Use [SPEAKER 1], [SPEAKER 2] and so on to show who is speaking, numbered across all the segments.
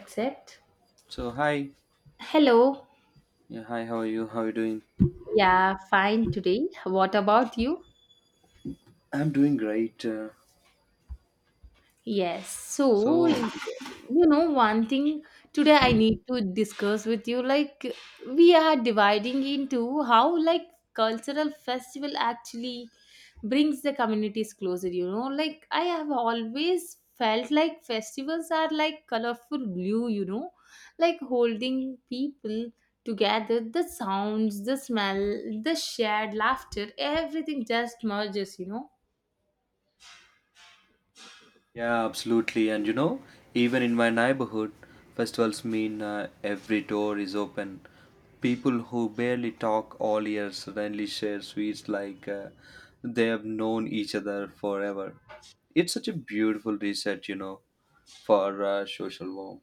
[SPEAKER 1] Accept.
[SPEAKER 2] So hi,
[SPEAKER 1] Hello.
[SPEAKER 2] yeah, hi. How are you? How are you doing?
[SPEAKER 1] Yeah, fine today. What about you?
[SPEAKER 2] I'm doing great.
[SPEAKER 1] Yes. So,
[SPEAKER 2] So
[SPEAKER 1] one thing today I need to discuss with you, like we are dividing into how like cultural festival actually brings the communities closer. Like I have always felt like festivals are like colorful glue, like holding people together, the sounds, the smell, the shared laughter, everything just merges.
[SPEAKER 2] yeah, absolutely. And even in my neighborhood, festivals mean every door is open. People who barely talk all year suddenly share sweets like they have known each other forever. It's such a beautiful reset, for social warmth.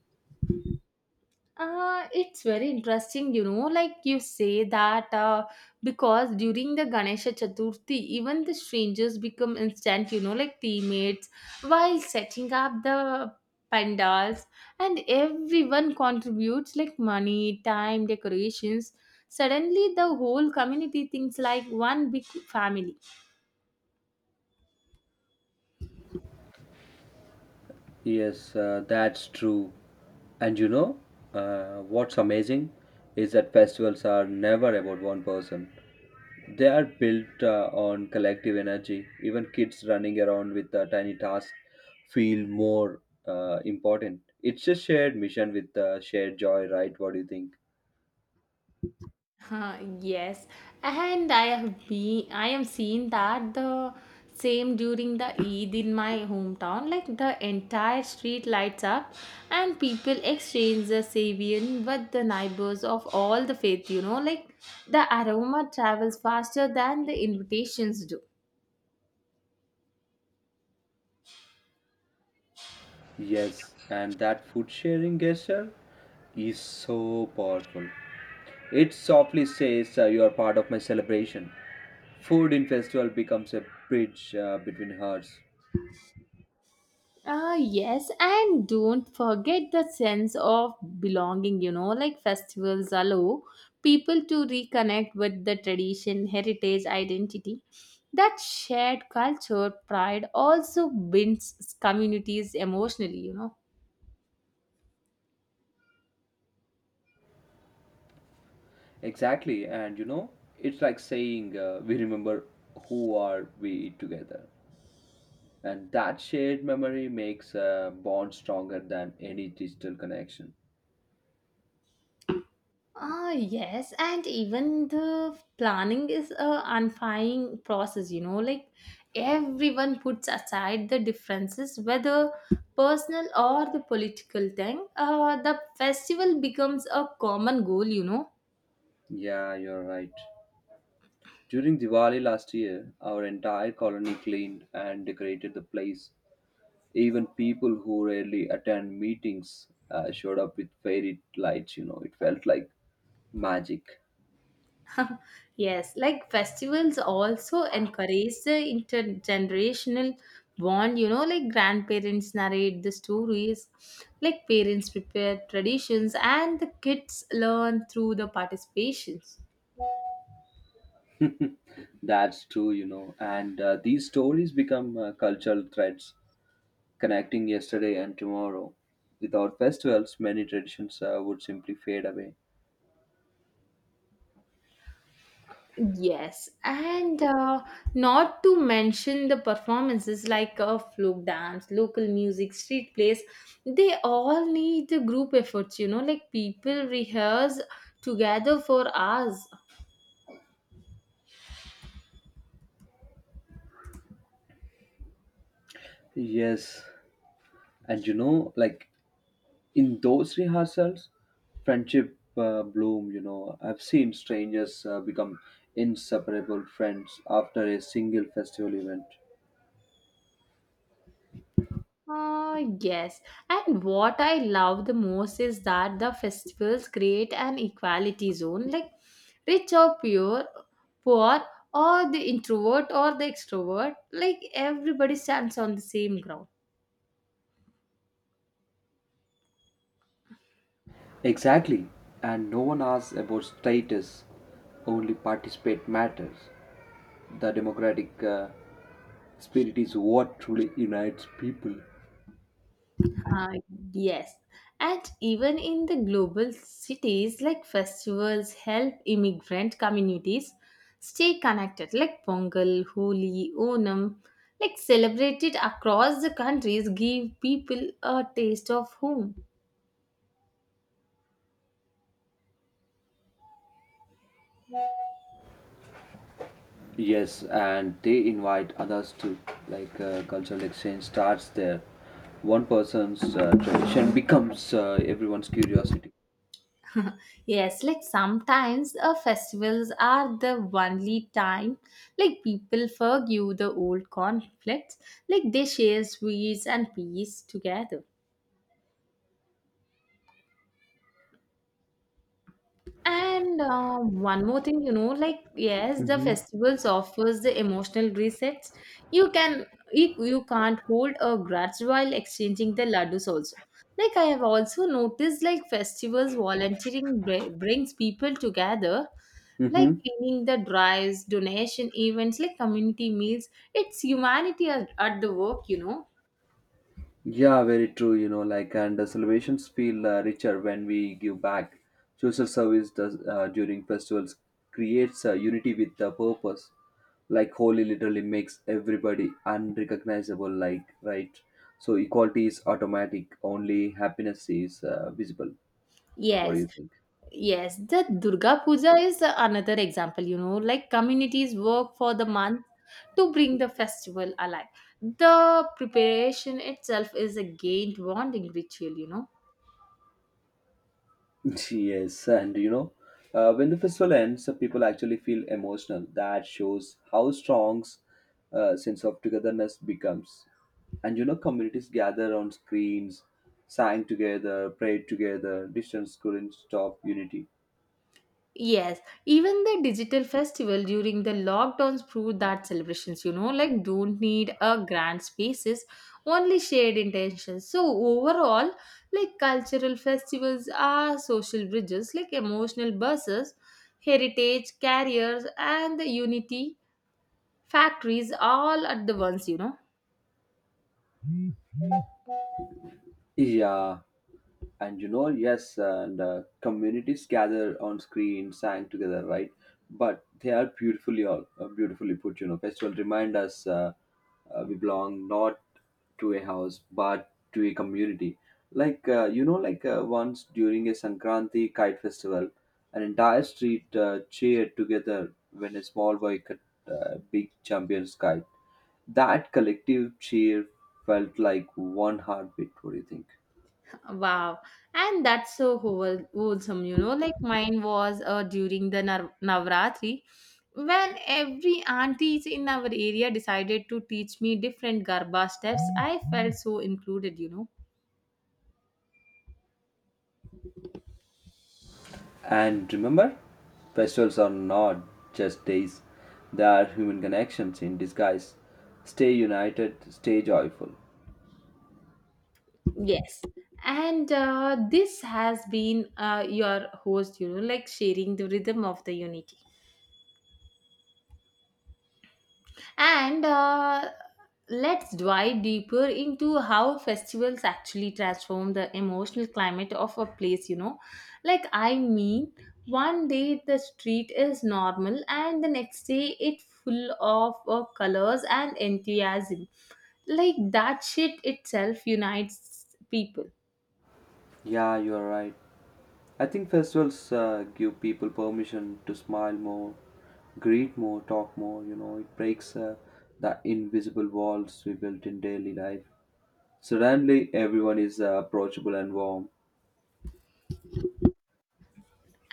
[SPEAKER 1] It's very interesting, like you say that because during the Ganesha Chaturthi, even the strangers become instant, like teammates while setting up the pandals, and everyone contributes like money, time, decorations. Suddenly, the whole community thinks like one big family.
[SPEAKER 2] Yes, that's true. And what's amazing is that festivals are never about one person. They are built on collective energy. Even kids running around with a tiny task feel more important. It's a shared mission with shared joy, right? What do you think?
[SPEAKER 1] Huh, yes, and I have been I am seeing that the same during the Eid in my hometown. Like the entire street lights up, and people exchange the savian with the neighbors of all the faith. Like the aroma travels faster than the invitations do.
[SPEAKER 2] Yes, and that food sharing gesture is so powerful. It softly says, "You are part of my celebration." Food in festival becomes a bridge between hearts.
[SPEAKER 1] Ah, yes, and don't forget the sense of belonging, like festivals allow people to reconnect with the tradition, heritage, identity. That shared culture, pride also binds communities emotionally.
[SPEAKER 2] Exactly, and it's like saying, "We remember who are we together." And that shared memory makes a bond stronger than any digital connection.
[SPEAKER 1] Ah, yes, and even the planning is a unifying process, like everyone puts aside the differences, whether personal or the political thing. The festival becomes a common goal.
[SPEAKER 2] Yeah, you're right. During Diwali last year, our entire colony cleaned and decorated the place. Even people who rarely attend meetings showed up with fairy lights. It felt like magic.
[SPEAKER 1] Yes, like festivals also encourage the intergenerational bond, like grandparents narrate the stories, like parents prepare traditions, and the kids learn through the participations.
[SPEAKER 2] That's true. And these stories become cultural threads connecting yesterday and tomorrow. Without festivals, many traditions would simply fade away.
[SPEAKER 1] Yes, and not to mention the performances like folk dance, local music, street plays, they all need the group efforts, like people rehearse together for hours.
[SPEAKER 2] Yes, and like in those rehearsals, friendship bloom. You know, I've seen strangers become inseparable friends after a single festival event.
[SPEAKER 1] Yes. And what I love the most is that the festivals create an equality zone. Like rich or pure, poor or the introvert or the extrovert, like everybody stands on the same ground.
[SPEAKER 2] Exactly, and no one asks about status, only participate matters. The democratic spirit is what truly unites people.
[SPEAKER 1] Uh, yes. And even in the global cities, like festivals help immigrant communities stay connected, like Pongal, Holi, Onam, like celebrated across the countries, give people a taste of home.
[SPEAKER 2] Yes, and they invite others too. Like cultural exchange starts there. One person's tradition becomes everyone's curiosity.
[SPEAKER 1] Yes, like sometimes festivals are the only time like people forgive the old conflicts, like they share sweets and peace together. And one more thing, like yes, the
[SPEAKER 2] Mm-hmm.
[SPEAKER 1] festivals offers the emotional resets. You can you can't hold a grudge while exchanging the laddus also. Like I have also noticed, like festivals volunteering brings people together, like
[SPEAKER 2] Mm-hmm.
[SPEAKER 1] cleaning the drives, donation events, like community meals. It's humanity at the work.
[SPEAKER 2] Yeah, very true. You know, like, and the celebrations feel richer when we give back. Social service does during festivals creates unity with the purpose. Like, holy literally makes everybody unrecognizable. Like, right? So equality is automatic. Only happiness is visible. What do
[SPEAKER 1] Yes.
[SPEAKER 2] you think?
[SPEAKER 1] Yes, the Durga Puja is another example, like communities work for the month to bring the festival alive. The preparation itself is a gained bonding ritual.
[SPEAKER 2] Yes, and when the festival ends, the people actually feel emotional. That shows how strong sense of togetherness becomes. And communities gather on screens, sang together, prayed together. Distance couldn't stop unity.
[SPEAKER 1] Yes, even the digital festival during the lockdowns proved that celebrations, like don't need a grand spaces, only shared intentions. So overall, like cultural festivals are social bridges, like emotional buses, heritage, carriers, and the unity factories all at the once.
[SPEAKER 2] Yeah, and yes, and communities gather on screen, sang together, right. But they are beautifully put. Festival remind us, we belong not to a house but to a community. Once during a sankranti kite festival, an entire street cheered together when a small boy cut big champion's kite. That collective cheer felt like one heartbeat. What do you think?
[SPEAKER 1] Wow. And that's so wholesome, Like mine was during the Navratri when every aunties in our area decided to teach me different Garba steps. I felt so included.
[SPEAKER 2] And remember, festivals are not just days, they are human connections in disguise. Stay united, stay joyful.
[SPEAKER 1] Yes. And this has been your host, like sharing the rhythm of the unity. And let's dive deeper into how festivals actually transform the emotional climate of a place. Like, I mean, one day the street is normal, and the next day it's full of colors and enthusiasm. Like, that shit itself unites people.
[SPEAKER 2] Yeah, you are right. I think festivals give people permission to smile more, greet more, talk more. You know, it breaks the invisible walls we built in daily life. Suddenly, everyone is approachable and warm.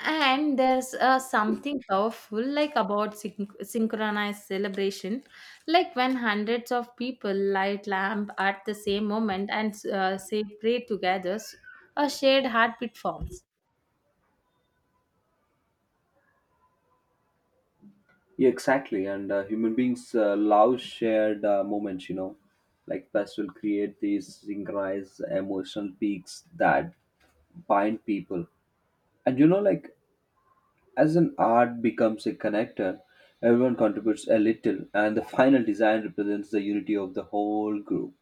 [SPEAKER 1] And there's something powerful like about synchronized celebration, like when hundreds of people light lamp at the same moment and say pray together, a shared heartbeat forms.
[SPEAKER 2] Yeah, exactly. And human beings love shared moments. Like pets will create these synchronized emotional peaks that bind people. And like as an art becomes a connector, everyone contributes a little, and the final design represents the unity of the whole group.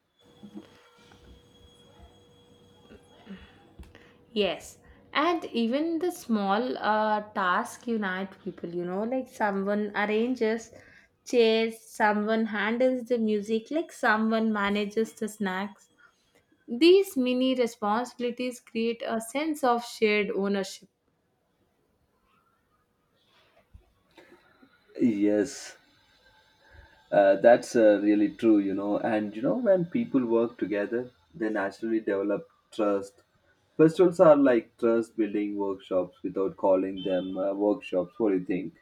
[SPEAKER 1] Yes, and even the small task unite people. Like someone arranges chairs, someone handles the music, like someone manages the snacks. These mini responsibilities create a sense of shared ownership.
[SPEAKER 2] Yes. That's really true. And when people work together, they naturally develop trust. Festivals are like trust building workshops without calling them workshops. What do you think?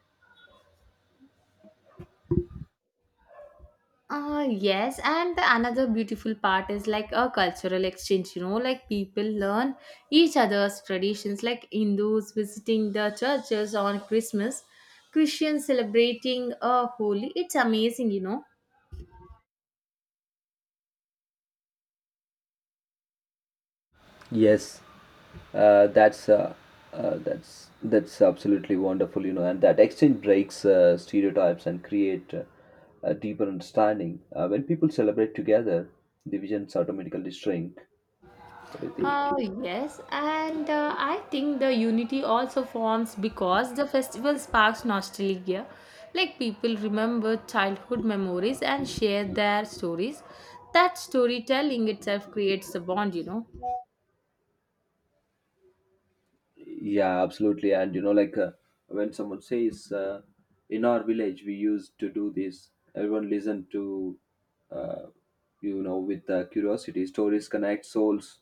[SPEAKER 1] Yes, and the another beautiful part is like a cultural exchange, like people learn each other's traditions, like Hindus visiting the churches on Christmas, Christians celebrating a holy. It's amazing.
[SPEAKER 2] Yes, uh, that's uh, that's absolutely wonderful, and that exchange breaks stereotypes and create a deeper understanding. When people celebrate together, divisions automatically shrink. What do you think?
[SPEAKER 1] Oh yes, and I think the unity also forms because the festival sparks nostalgia. Like people remember childhood memories and share their stories. That storytelling itself creates a bond.
[SPEAKER 2] Yeah, absolutely. And like when someone says, "in our village, we used to do this," everyone listened to, uh, with curiosity. Stories connect souls.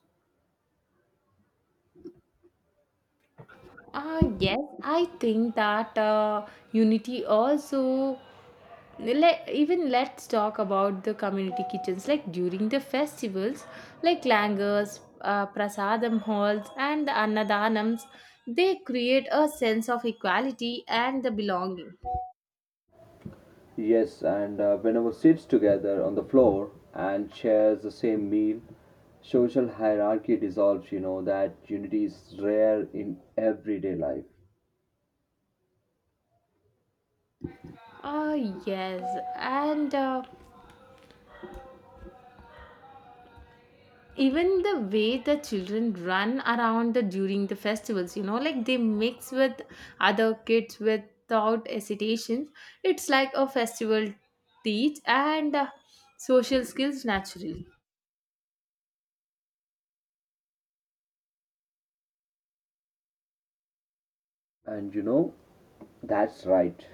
[SPEAKER 1] Yes, I think that unity also. Even let's talk about the community kitchens. Like during the festivals, like langars, prasadam halls, and the annadanams, they create a sense of equality and the belonging.
[SPEAKER 2] Yes, and whenever sits together on the floor and shares the same meal, social hierarchy dissolves. You know, that unity is rare in everyday life.
[SPEAKER 1] Ah, yes, and even the way the children run around the during the festivals, like they mix with other kids without hesitation. It's like a festival teach and social skills naturally.
[SPEAKER 2] And that's right.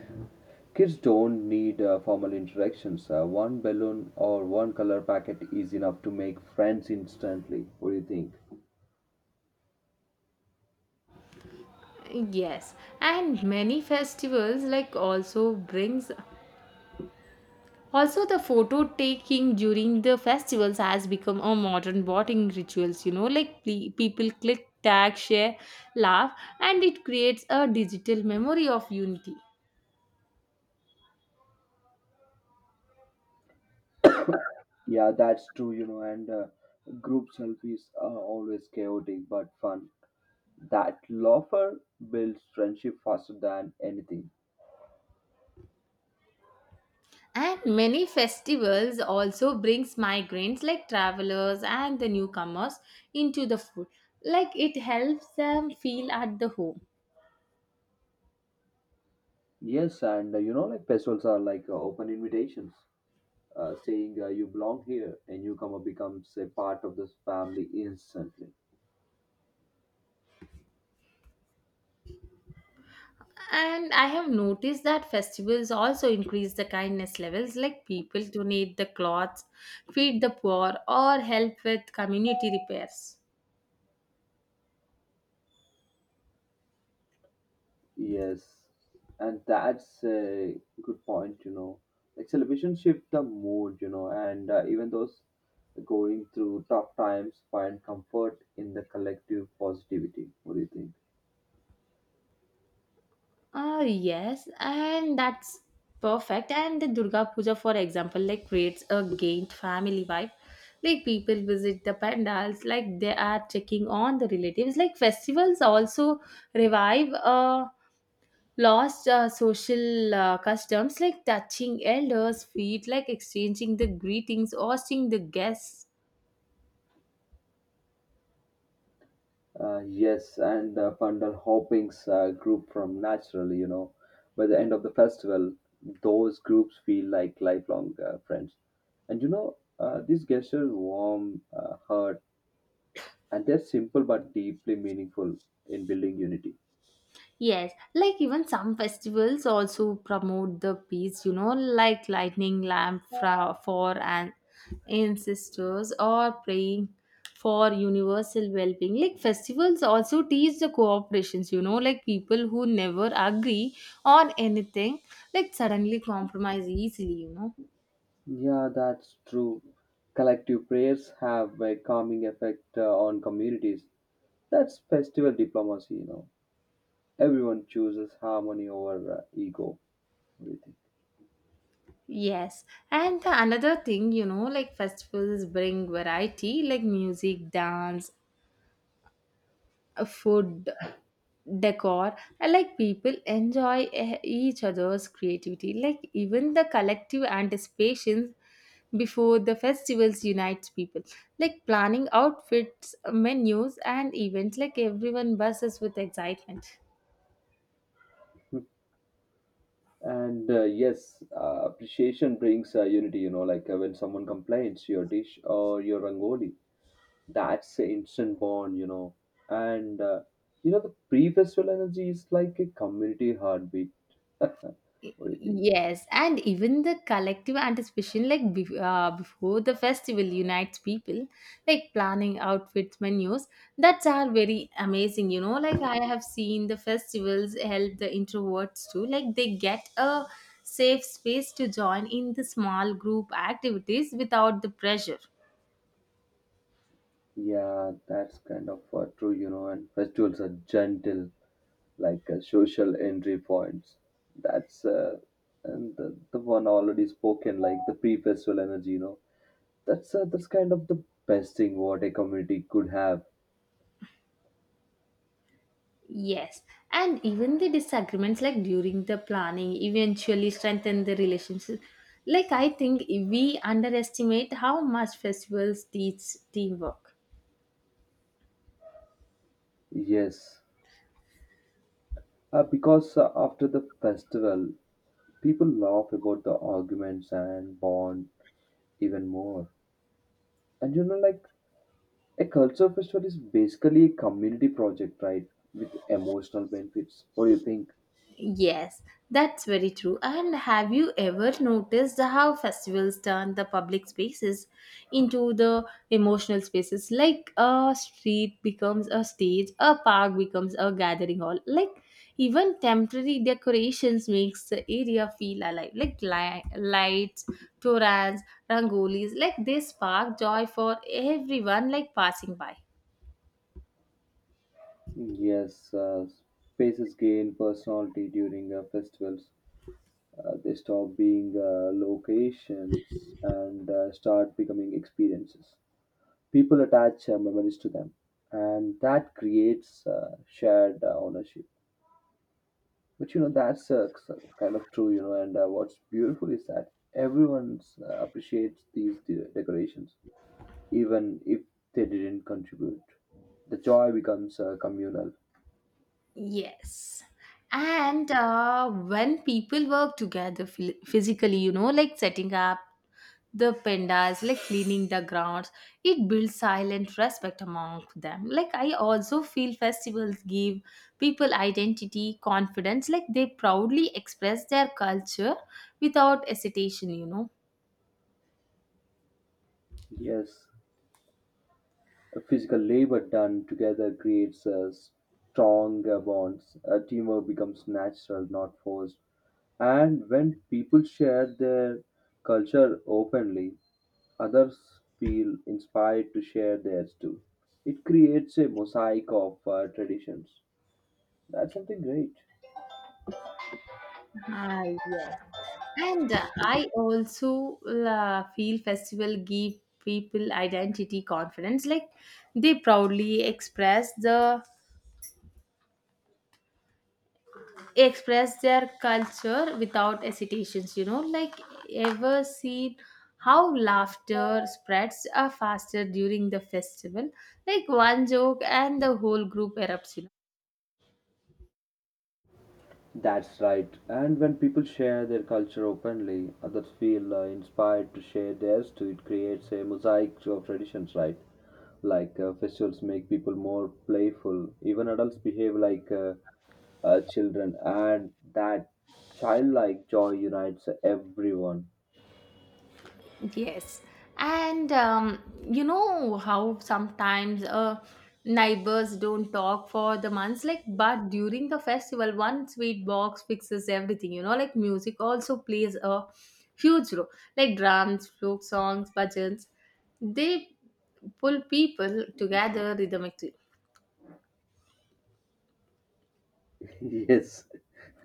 [SPEAKER 2] Kids don't need formal introductions. One balloon or one color packet is enough to make friends instantly. What do you think?
[SPEAKER 1] Yes, and many festivals like also brings also the photo taking during the festivals has become a modern bonding rituals, like people click, tag, share, laugh, and it creates a digital memory of unity.
[SPEAKER 2] Yeah, that's true, and group selfies are always chaotic but fun. That loafer builds friendship faster than anything.
[SPEAKER 1] And many festivals also brings migrants like travelers and the newcomers into the food. Like it helps them feel at the home.
[SPEAKER 2] Yes, and like festivals are like open invitations, saying "you belong here," and newcomer becomes a part of this family instantly.
[SPEAKER 1] And I have noticed that festivals also increase the kindness levels, like people donate the cloths, feed the poor or help with community repairs.
[SPEAKER 2] Yes, and that's a good point. Like celebration shift the mood, and even those going through tough times find comfort in the collective positivity. What do you think?
[SPEAKER 1] Ah, yes, and that's perfect. And the Durga Puja, for example, like creates a gained family vibe. Like people visit the pandals, like they are checking on the relatives. Like festivals also revive lost social customs, like touching elders' feet, like exchanging the greetings, hosting the guests.
[SPEAKER 2] Yes, and Pandal Hopping's group from Naturally, by the end of the festival, those groups feel like lifelong friends. And these gestures warm heart, and they're simple but deeply meaningful in building unity.
[SPEAKER 1] Yes, like even some festivals also promote the peace, like lightning lamp for an ancestors or praying for universal well-being. Like festivals also teach the cooperations, like people who never agree on anything, like suddenly compromise easily.
[SPEAKER 2] Yeah, that's true. Collective prayers have a calming effect on communities. That's festival diplomacy. Everyone chooses harmony over ego. What do you think?
[SPEAKER 1] Yes, and the another thing, like festivals bring variety, like music, dance, food, decor. I like people enjoy each other's creativity, like even the collective anticipations before the festivals unites people, like planning outfits, menus, and events, like everyone buzzes with excitement.
[SPEAKER 2] And yes, appreciation brings unity, like when someone complains your dish or your rangoli, that's an instant bond. And, the pre-festival energy is like a community heartbeat. What do you think?
[SPEAKER 1] Yes, and even the collective anticipation, like before the festival, unites people, like planning outfits, menus. That's are very amazing. Like I have seen the festivals help the introverts too. Like they get a safe space to join in the small group activities without the pressure.
[SPEAKER 2] Yeah, that's kind of true, and festivals are gentle like social entry points. That's And the one already spoken, like the pre-festival energy. You know, that's kind of the best thing what a community could have.
[SPEAKER 1] Yes, and even the disagreements, like during the planning, eventually strengthen the relationship. Like, I think we underestimate how much festivals teach teamwork.
[SPEAKER 2] Yes, because after the festival, people laugh about the arguments and bond even more. And like a culture festival is basically a community project, right? With emotional benefits. What do you think?
[SPEAKER 1] Yes, that's very true. And have you ever noticed how festivals turn the public spaces into the emotional spaces? Like a street becomes a stage, a park becomes a gathering hall. Like even temporary decorations makes the area feel alive. Like lights, torans, rangolis, like they spark joy for everyone like passing by.
[SPEAKER 2] Yes, spaces gain personality during festivals. They stop being locations and start becoming experiences. People attach memories to them, and that creates shared ownership. But kind of true, and what's beautiful is that everyone appreciates these decorations, even if they didn't contribute. The joy becomes communal.
[SPEAKER 1] Yes. And when people work together physically, like setting up the pandas, like cleaning the grounds, it builds silent respect among them. Like, I also feel festivals give people identity, confidence, like they proudly express their culture without hesitation.
[SPEAKER 2] Yes, physical labor done together creates stronger bonds. Teamwork becomes natural, not forced. And when people share their culture openly, others feel inspired to share theirs too. It creates a mosaic of traditions. That's something great.
[SPEAKER 1] Ah, yes. And I also feel festival give people identity, confidence, like they proudly express their culture without hesitations, like ever seen how laughter spreads faster during the festival, like one joke and the whole group erupts.
[SPEAKER 2] That's right. And when people share their culture openly, others feel inspired to share theirs too. It creates a mosaic of traditions, right? Like festivals make people more playful. Even adults behave like children, and that childlike joy unites everyone.
[SPEAKER 1] Yes. And you know how sometimes neighbors don't talk for the months, like, but during the festival, one sweet box fixes everything, like music also plays a huge role, like drums, folk songs, bhajans. They pull people together rhythmically.
[SPEAKER 2] Yes,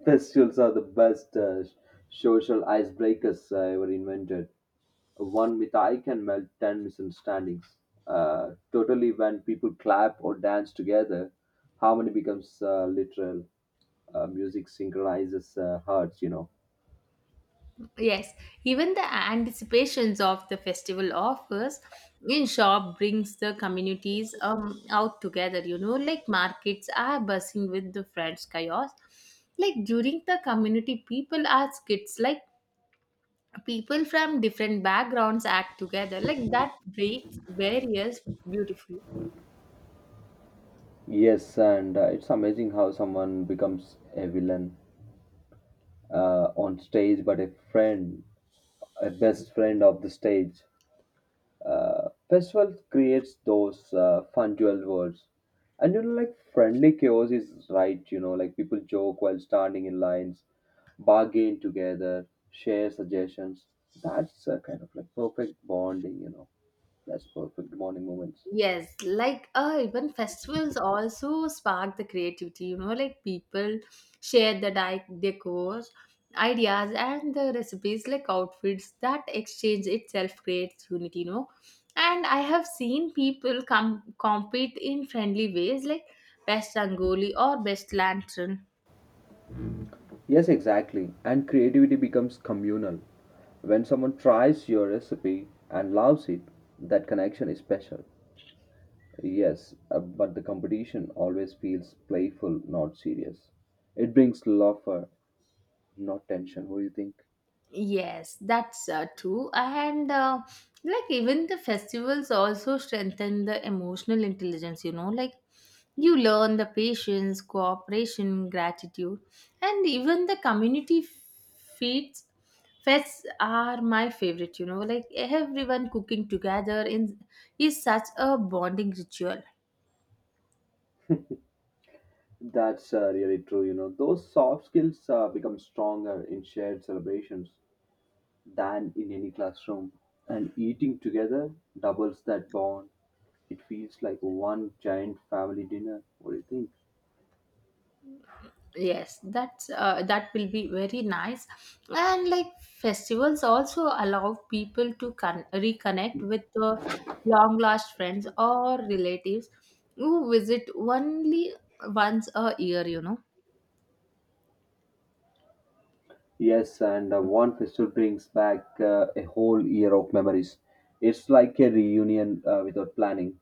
[SPEAKER 2] festivals are the best social icebreakers ever invented. One mitai can melt 10 misunderstandings. Totally, when people clap or dance together, harmony becomes literal. Music synchronizes hearts.
[SPEAKER 1] Yes, even the anticipations of the festival offers in shop brings the communities out together. Like markets are buzzing with the French chaos. Like during the community, people are kids. Like people from different backgrounds act together. Like that breaks barriers beautifully.
[SPEAKER 2] Yes, and it's amazing how someone becomes a villain on stage, but a friend, a best friend of the stage. Festival creates those fun dual worlds. And like friendly chaos is right, like people joke while standing in lines, bargain together, share suggestions. That's a kind of like perfect bonding. That's perfect bonding moments.
[SPEAKER 1] Yes, like even festivals also spark the creativity, like people share the decor, ideas, and the recipes, like outfits, that exchange itself creates unity, And I have seen people come compete in friendly ways, like best rangoli or best lantern.
[SPEAKER 2] Yes, exactly. And creativity becomes communal. When someone tries your recipe and loves it, that connection is special. Yes, but the competition always feels playful, not serious. It brings laughter, not tension. What do you think?
[SPEAKER 1] Yes, that's true. And like even the festivals also strengthen the emotional intelligence, like you learn the patience, cooperation, gratitude, and even the community feeds. Fests are my favorite, like everyone cooking together in is such a bonding ritual.
[SPEAKER 2] That's really true. You know, those soft skills become stronger in shared celebrations than in any classroom. And eating together doubles that bond. It feels like one giant family dinner. What do you think?
[SPEAKER 1] Yes, that will be very nice. And like festivals also allow people to reconnect with the long lost friends or relatives who visit only once a year.
[SPEAKER 2] Yes, and one festival brings back a whole year of memories. It's like a reunion without planning.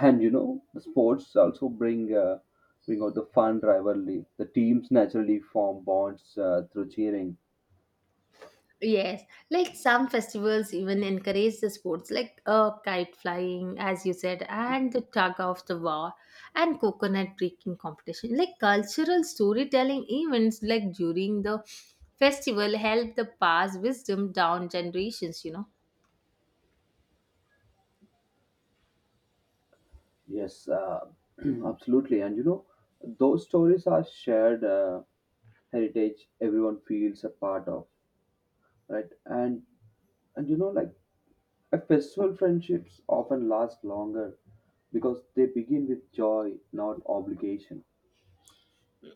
[SPEAKER 2] And the sports also bring out the fun rivalry. The teams naturally form bonds through cheering.
[SPEAKER 1] Yes, like some festivals even encourage the sports like kite flying, as you said, and the tug of the war, and coconut breaking competition. Like cultural storytelling events, like during the festival, help the pass wisdom down generations.
[SPEAKER 2] Yes, absolutely. And those stories are shared heritage. Everyone feels a part of, right. And like a festival friendships often last longer because they begin with joy, not obligation.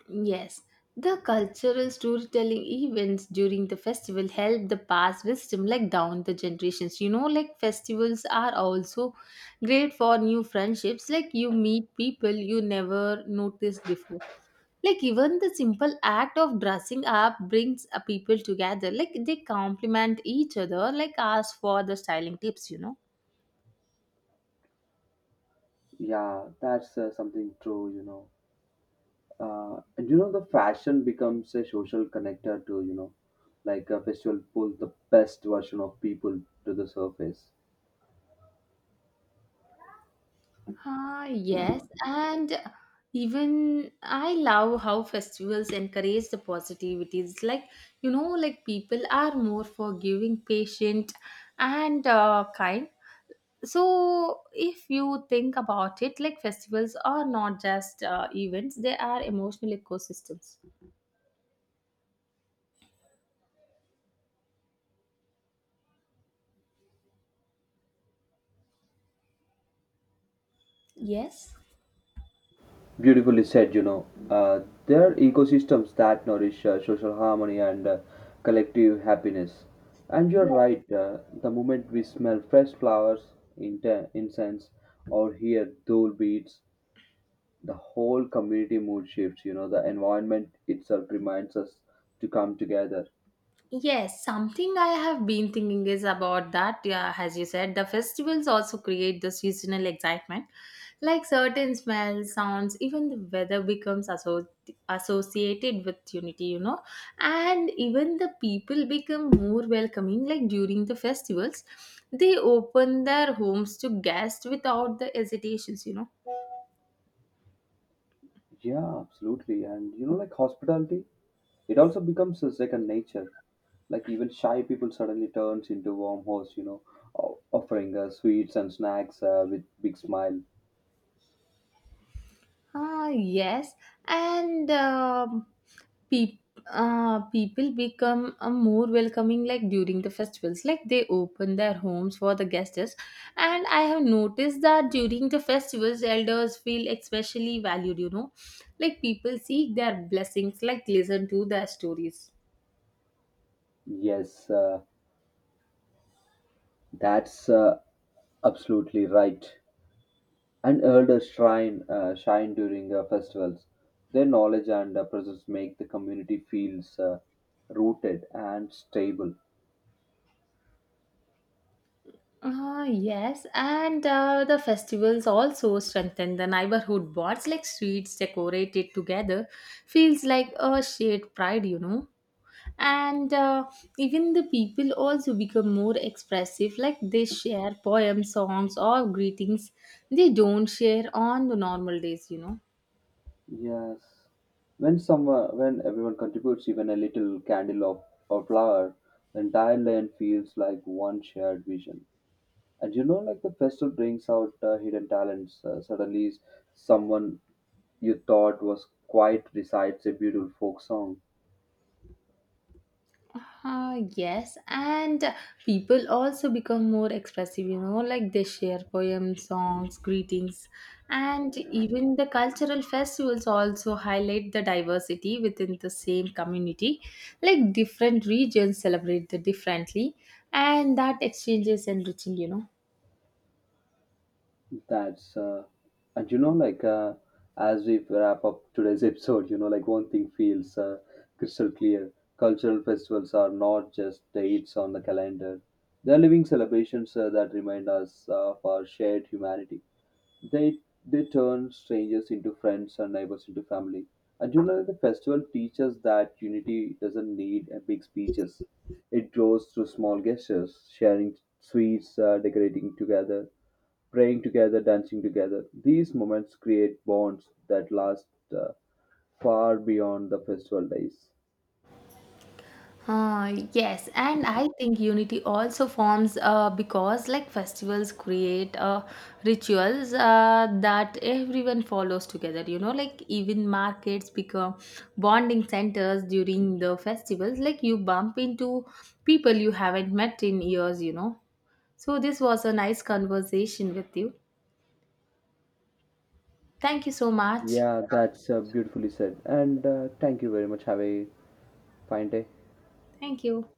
[SPEAKER 1] Yes, the cultural storytelling events during the festival help the pass wisdom like down the generations. Like festivals are also great for new friendships. Like you meet people you never noticed before. Like even the simple act of dressing up brings people together. Like they compliment each other. Like ask for the styling tips.
[SPEAKER 2] Yeah, that's something true you know and you know The fashion becomes a social connector too. Like a festival pulls the best version of people to the surface.
[SPEAKER 1] Ah, yes, and even I love how festivals encourage the positivity. It's like, like people are more forgiving, patient, and kind. So, if you think about it, like festivals are not just events, they are emotional ecosystems. Yes.
[SPEAKER 2] Beautifully said. There are ecosystems that nourish social harmony and collective happiness. And you're right. The moment we smell fresh flowers, incense, or hear dole beats, the whole community mood shifts. The environment itself reminds us to come together.
[SPEAKER 1] Yes, something I have been thinking is about that. Yeah, as you said, the festivals also create the seasonal excitement. Like certain smells, sounds, even the weather becomes associated with unity, And even the people become more welcoming, like during the festivals. They open their homes to guests without the hesitations.
[SPEAKER 2] Yeah, absolutely. And like hospitality, it also becomes a second nature. Like even shy people suddenly turns into warm hosts, offering sweets and snacks with big smile.
[SPEAKER 1] Ah, yes, and peop people become more welcoming like during the festivals. Like they open their homes for the guests, and I have noticed that during the festivals, elders feel especially valued. Like people seek their blessings, like listen to their stories.
[SPEAKER 2] Yes, that's absolutely right. And elders shrine shine during festivals. Their knowledge and presence make the community feels rooted and stable.
[SPEAKER 1] Ah, yes, and the festivals also strengthen the neighborhood bonds, like streets decorated together, feels like a shared pride. And even the people also become more expressive, like they share poems, songs or greetings they don't share on the normal days.
[SPEAKER 2] Yes. When everyone contributes even a little candle of, or flower, the entire land feels like one shared vision. And like the festival brings out hidden talents. Suddenly, someone you thought was quiet recites a beautiful folk song.
[SPEAKER 1] Yes, and people also become more expressive, like they share poems, songs, greetings. And even the cultural festivals also highlight the diversity within the same community, like different regions celebrate the differently, and that exchange is enriching.
[SPEAKER 2] That's And as we wrap up today's episode, like one thing feels crystal clear: cultural festivals are not just dates on the calendar; they are living celebrations that remind us of our shared humanity. They they turn strangers into friends and neighbors into family. And the festival teaches that unity doesn't need a big speeches. It grows through small gestures, sharing sweets, decorating together, praying together, dancing together. These moments create bonds that last uh, far beyond the festival days.
[SPEAKER 1] Yes, and I think unity also forms because like festivals create rituals that everyone follows together. Like even markets become bonding centers during the festivals. Like you bump into people you haven't met in years, So this was a nice conversation with you. Thank you so much.
[SPEAKER 2] Yeah, that's beautifully said. And thank you very much. Have a fine day.
[SPEAKER 1] Thank you.